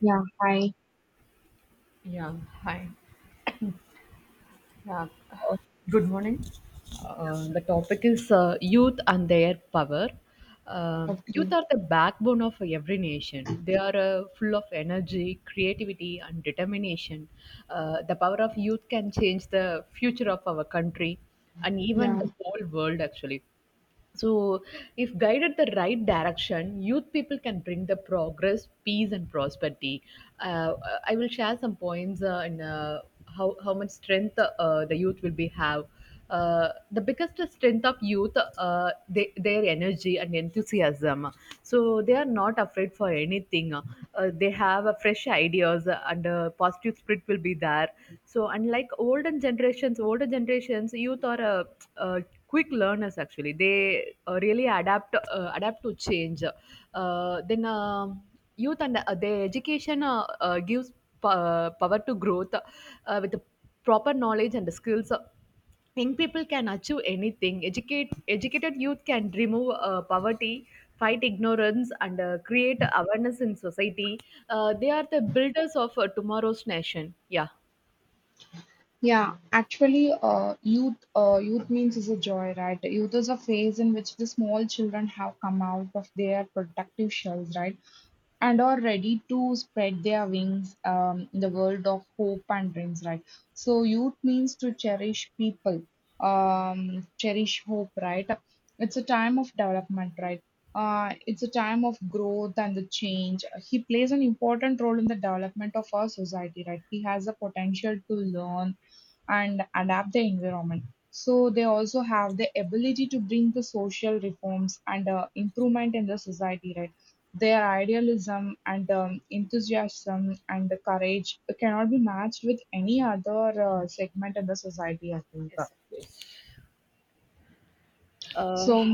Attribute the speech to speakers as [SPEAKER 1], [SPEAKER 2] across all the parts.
[SPEAKER 1] Yeah, hi.
[SPEAKER 2] Yeah, hi. Yeah,
[SPEAKER 1] Oh,
[SPEAKER 2] good morning. The topic is youth and their power. Youth
[SPEAKER 1] okay.
[SPEAKER 2] are the backbone of every nation. They are full of energy, creativity, and determination. The power of youth can change the future of our country and even
[SPEAKER 1] Yeah,
[SPEAKER 2] the whole world, actually. So, if guided the right direction, youth people can bring the progress, peace, and prosperity. Uh, I will share some points in how much strength the youth will be have. The biggest strength of youth, their energy and enthusiasm. So they are not afraid for anything. They have fresh ideas and positive spirit will be there. So older generations, youth are uh, quick learners, actually they really adapt to change. Then Youth and their education gives power to growth. With the proper knowledge and the skills, young people can achieve anything. Educated youth can remove poverty, fight ignorance, and create awareness in society. They are the builders of tomorrow's nation. Yeah.
[SPEAKER 1] yeah, Actually, youth means is a joy, right? Youth is a phase in which the small children have come out of their productive shells, right? And are ready to spread their wings in the world of hope and dreams, right? So youth means to cherish people, cherish hope, right? It's a time of development, right? It's a time of growth and the change. He plays an important role in the development of our society, right? He has the potential to learn and adapt the environment. So they also have the ability to bring the social reforms and improvement in the society, right? Their idealism and enthusiasm and the courage cannot be matched with any other
[SPEAKER 2] Yeah.
[SPEAKER 1] segment in the society, I think.
[SPEAKER 2] Yes. uh,
[SPEAKER 1] So,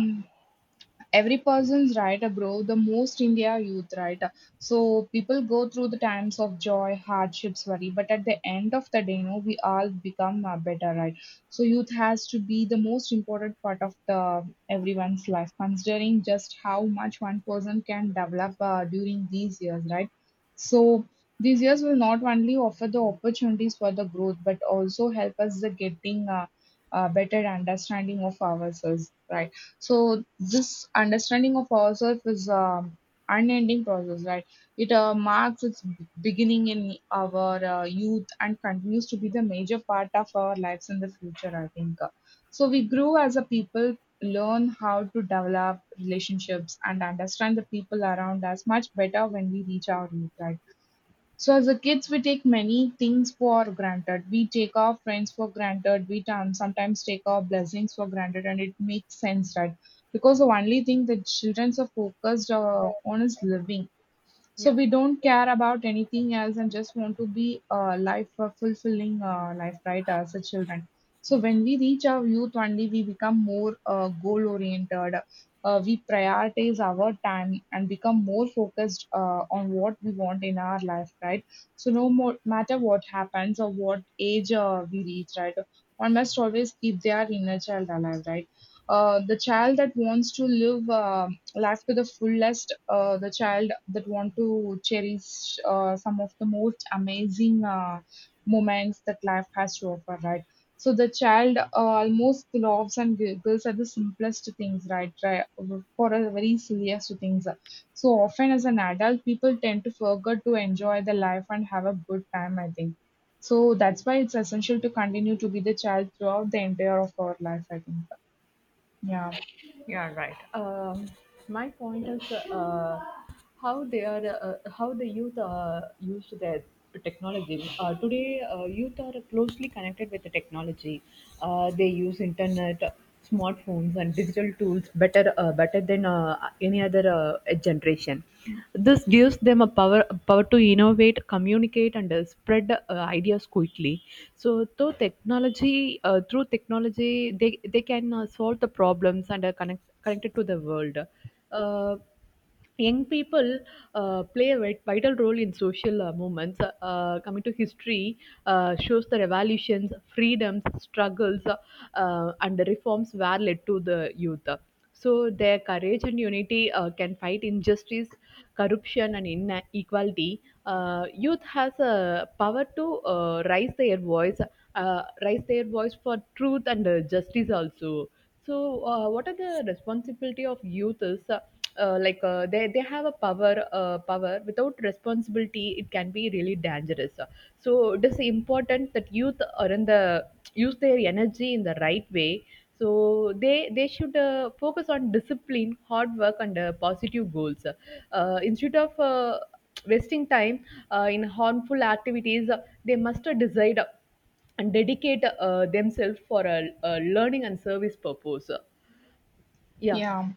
[SPEAKER 1] every person's right bro the most India youth right. So people go through the times of joy, hardships, worry, but at the end of the day, you know, we all become better, right? So youth has to be the most important part of the everyone's life, considering just how much one person can develop during these years, right? So these years will not only offer the opportunities for the growth, but also help us the getting better understanding of ourselves, right? So this understanding of ourselves is unending process, right? It marks its beginning in our youth and continues to be the major part of our lives in the future, I think. So we grow as a people, learn how to develop relationships and understand the people around us much better when we reach our youth, right? So as a kids, we take many things for granted. We take our friends for granted. We sometimes take our blessings for granted, and it makes sense, right? Because the only thing that children are focused on is living. So
[SPEAKER 2] Yeah.
[SPEAKER 1] we don't care about anything else and just want to be a life a fulfilling life, right? As a children. So when we reach our youth only, we become more goal oriented. We prioritize our time and become more focused on what we want in our life, right? So no more matter what happens or what age we reach, right? One must always keep their inner child alive, right? The child that wants to live. Last to the fullest, the child that want to cherish some of the most amazing moments that life has to offer, right? So the child almost loves and giggles at the simplest things, right, for a very silliest things. So often as an adult, people tend to forget to enjoy the life and have a good time, I think. So that's why it's essential to continue to be the child throughout the entire of our life, I think. yeah
[SPEAKER 2] Yeah, right. My point is how they are, how the youth use their technology. Today, youth are closely connected with the technology. They use internet, smartphones, and digital tools better than any other generation. This gives them a power to innovate, communicate, and spread ideas quickly. So, through technology, they can solve the problems, and are connected to the world. Uh, Young people play a vital role in social movements. Coming to history, shows the revolutions, freedoms, struggles, and the reforms were led to the youth. So their courage and unity can fight injustice, corruption, and inequality. Youth has a power to raise their voice for truth and justice also. So, what are the responsibility of youth is they have a power. Without responsibility it can be really dangerous. So it is important that youth are in the use their energy in the right way. So they should focus on discipline, hard work, and positive goals instead of wasting time in harmful activities. They must decide and dedicate themselves for a learning and service purpose. Yeah,
[SPEAKER 1] yeah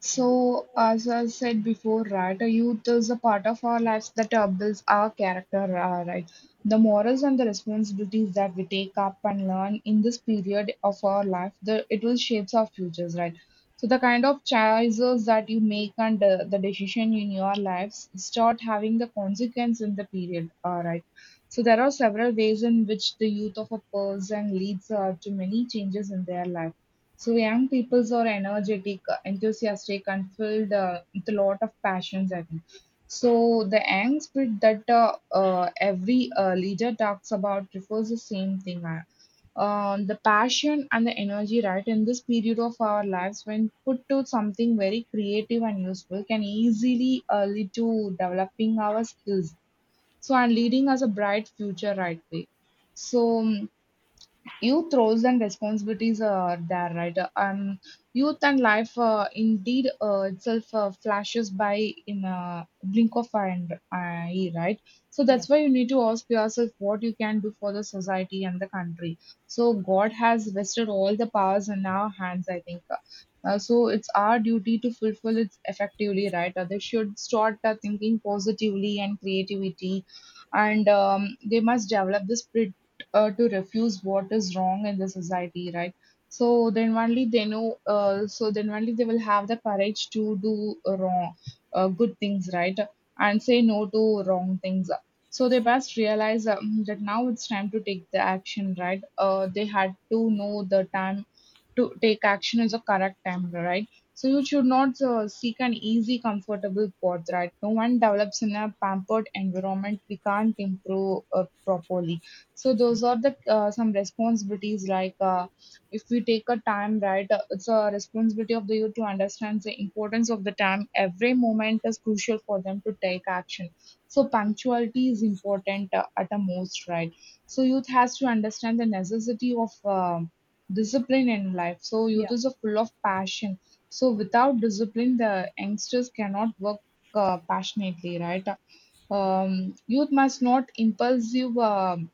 [SPEAKER 1] So, as I said before, right, youth is a part of our lives that builds our character, right? The morals and the responsibilities that we take up and learn in this period of our life, the, it will shapes our futures, right? So, the kind of choices that you make and the decision in your lives start having the consequence in the period, all right? So, there are several ways in which the youth of a person leads to many changes in their life. So young peoples are energetic, enthusiastic, and filled with a lot of passions, I think. So the young spirit that every leader talks about refers the same thing. The passion and the energy, right, in this period of our lives, when put to something very creative and useful, can easily lead to developing our skills, so, and leading us a bright future right way. So youth roles and responsibilities are there, right? Youth and life, indeed, itself, flashes by in a blink of an eye, right? So
[SPEAKER 2] yeah,
[SPEAKER 1] that's why you need to ask yourself what you can do for the society and the country. So god has vested all the powers in our hands, I think. So it's our duty to fulfill it effectively, right? They should start thinking positively and creativity, and they must develop this to refuse what is wrong in the society, right? So then only they will have the courage to do wrong, good things, right? And say no to wrong things. So they must realize that now it's time to take the action, right? They had to know the time to take action is a correct time, right? So you should not seek an easy, comfortable path, right? No one develops in a pampered environment. We can't improve properly. So those are the some responsibilities. If we take a time, right? It's a responsibility of the youth to understand the importance of the time. Every moment is crucial for them to take action. So punctuality is important at the most, right? So youth has to understand the necessity of. um Discipline in life. So
[SPEAKER 2] yeah.
[SPEAKER 1] youth is a full of passion. So without discipline, the youngsters cannot work passionately, right? Youth must not impulsive. um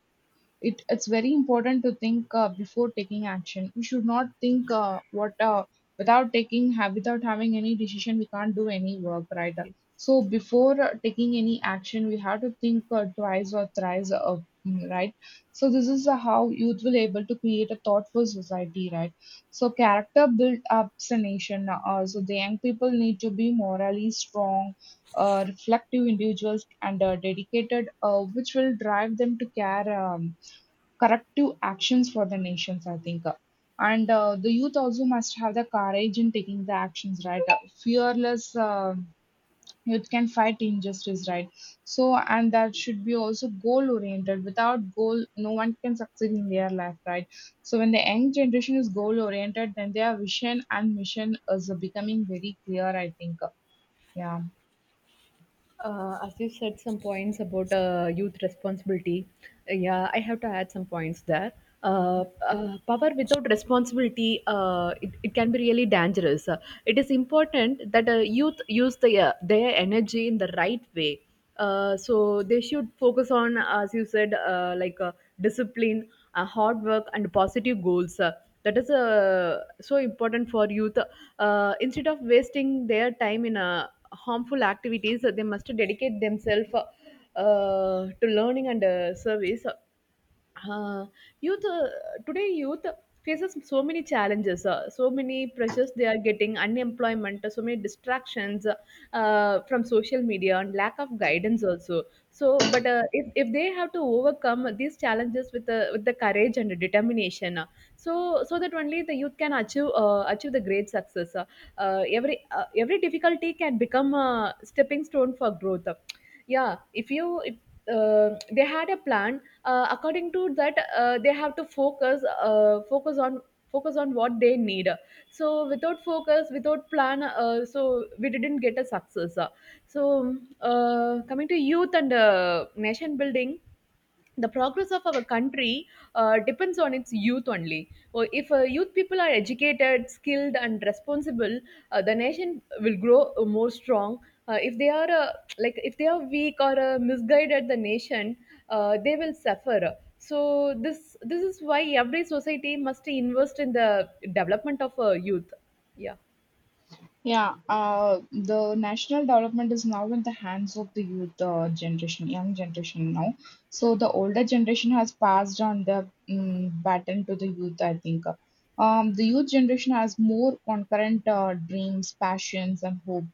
[SPEAKER 1] it it's very important to think before taking action. We should not think what without taking have without having any decision, we can't do any work, right? So before taking any action, we have to think, twice or thrice, right? So this is how youth will able to create a thoughtful society, right? So character build ups a nation, so the young people need to be morally strong, reflective individuals and dedicated, which will drive them to care corrective actions for the nations, I think. And the youth also must have the courage in taking the actions, right? Fearless youth can fight injustice, right? So, and that should be also goal oriented. Without goal, no one can succeed in their life, right? So, when the young generation is goal oriented, then their vision and mission is becoming very clear, I think. Yeah.
[SPEAKER 2] As you said, some points about youth responsibility. Yeah, I have to add some points there. Power without responsibility, it can be really dangerous. It is important that youth use their energy in the right way. So they should focus on, as you said, discipline, hard work, and positive goals. That is so important for youth. Instead of wasting their time in harmful activities, they must dedicate themselves to learning and service. Uh, youth today youth faces so many challenges, so many pressures. They are getting unemployment, so many distractions from social media, and lack of guidance also. So but if they have to overcome these challenges with the courage and determination, so that only the youth can achieve achieve the great success. Every every difficulty can become a stepping stone for growth. Yeah, if they had a plan according to that, they have to focus on what they need. So without focus, without plan, so we didn't get a success. So coming to youth and nation building, the progress of our country depends on its youth only. Or if youth people are educated, skilled, and responsible, the nation will grow more strong. If they are if they are weak or misguided, the nation they will suffer. So this is why every society must invest in the development of youth. Yeah.
[SPEAKER 1] Yeah, the national development is now in the hands of the youth generation, young generation now. So the older generation has passed on the baton to the youth, I think. The youth generation has more concurrent dreams, passions, and hope.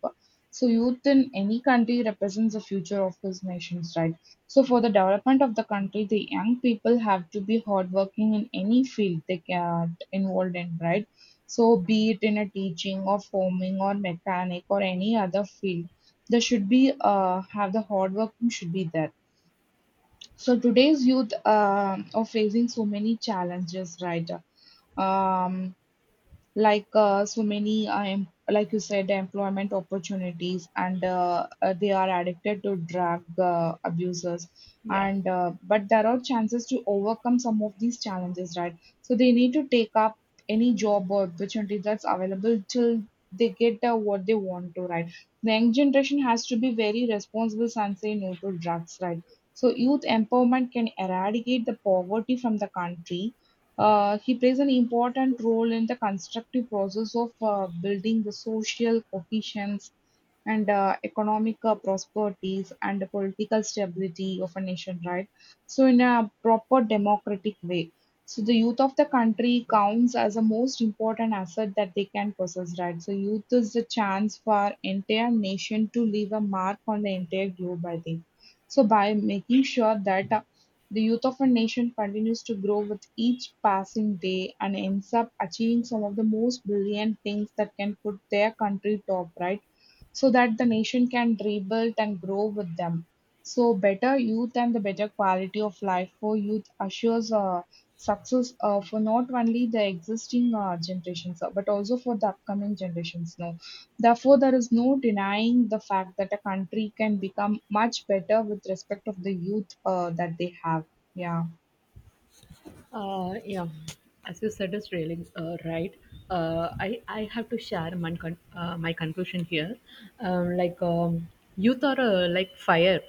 [SPEAKER 1] So youth in any country represents the future of his nations, right? So for the development of the country, the young people have to be hardworking in any field they get involved in, right? So be it in a teaching or farming or mechanic or any other field, there should be have the hard working should be there. So today's youth are facing so many challenges, right? Um, so many, like you said, employment opportunities, and they are addicted to drug abusers,
[SPEAKER 2] Yeah.
[SPEAKER 1] and but there are chances to overcome some of these challenges, right? So they need to take up any job or opportunity that's available till they get what they want to, right? The young generation has to be very responsible and say no to drugs, right? So youth empowerment can eradicate the poverty from the country. He plays an important role in the constructive process of building the social cohesion and economic prosperities and the political stability of a nation, right? So, in a proper democratic way. So, the youth of the country counts as the most important asset that they can possess, right? So, youth is the chance for entire nation to leave a mark on the entire globe, I think. So, by making sure that the youth of a nation continues to grow with each passing day and ends up achieving some of the most brilliant things that can put their country top, right? So that the nation can rebuild and grow with them. So, better youth and the better quality of life for youth assures success for not only the existing generations, but also for the upcoming generations. Now, therefore, there is no denying the fact that a country can become much better with respect of the youth that they have. Yeah.
[SPEAKER 2] Yeah, as you said, is really right. I have to share my my conclusion here. Um, like um, Youth are like fire;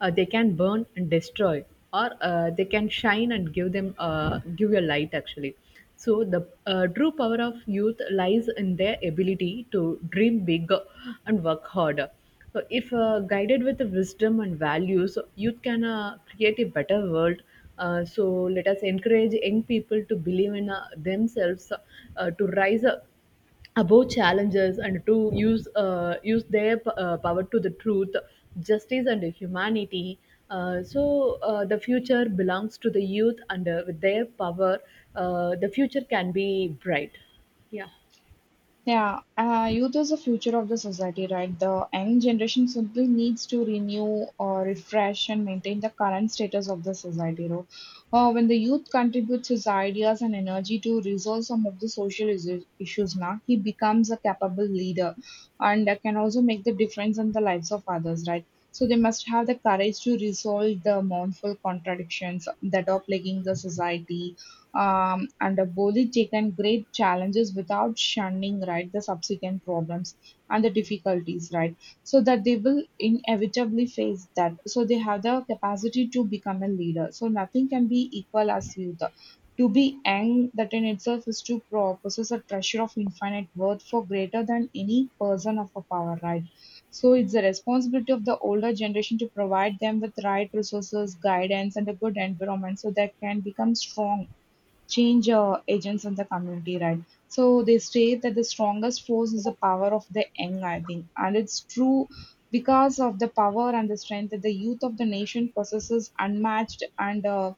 [SPEAKER 2] they can burn and destroy, or they can shine and give you light, actually. So the true power of youth lies in their ability to dream big and work hard. So if guided with the wisdom and values, youth can create a better world. So let us encourage young people to believe in themselves, to rise up above challenges, and to use their power to the truth, justice, and humanity. So the future belongs to the youth, and with their power, the future can be bright. Yeah,
[SPEAKER 1] Yeah, youth is the future of the society, right? The young generation simply needs to renew or refresh and maintain the current status of the society, right? When the youth contributes his ideas and energy to resolve some of the social issues, now he becomes a capable leader and can also make the difference in the lives of others, right? So they must have the courage to resolve the mournful contradictions that are plaguing the society, and have Boli taken great challenges without shunning, right, the subsequent problems and the difficulties, right? So that they will inevitably face that, so they have the capacity to become a leader, so nothing can be equal as youth. To be young, that in itself is to possess a treasure of infinite worth for greater than any person of a power, right? So it's the responsibility of the older generation to provide them with right resources, guidance, and a good environment, so they can become strong change agents in the community, right? So they state that the strongest force is the power of the young, I think, and it's true, because of the power and the strength that the youth of the nation possesses, unmatched, and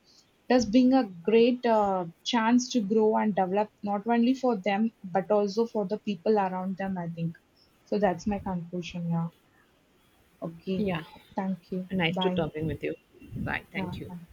[SPEAKER 1] does bring a great chance to grow and develop not only for them but also for the people around them, I think so. That's my conclusion. Yeah. Okay.
[SPEAKER 2] yeah.
[SPEAKER 1] Thank you.
[SPEAKER 2] Nice to
[SPEAKER 1] Bye.
[SPEAKER 2] talking with you. Bye. Thank
[SPEAKER 1] Yeah.
[SPEAKER 2] you.
[SPEAKER 1] Thank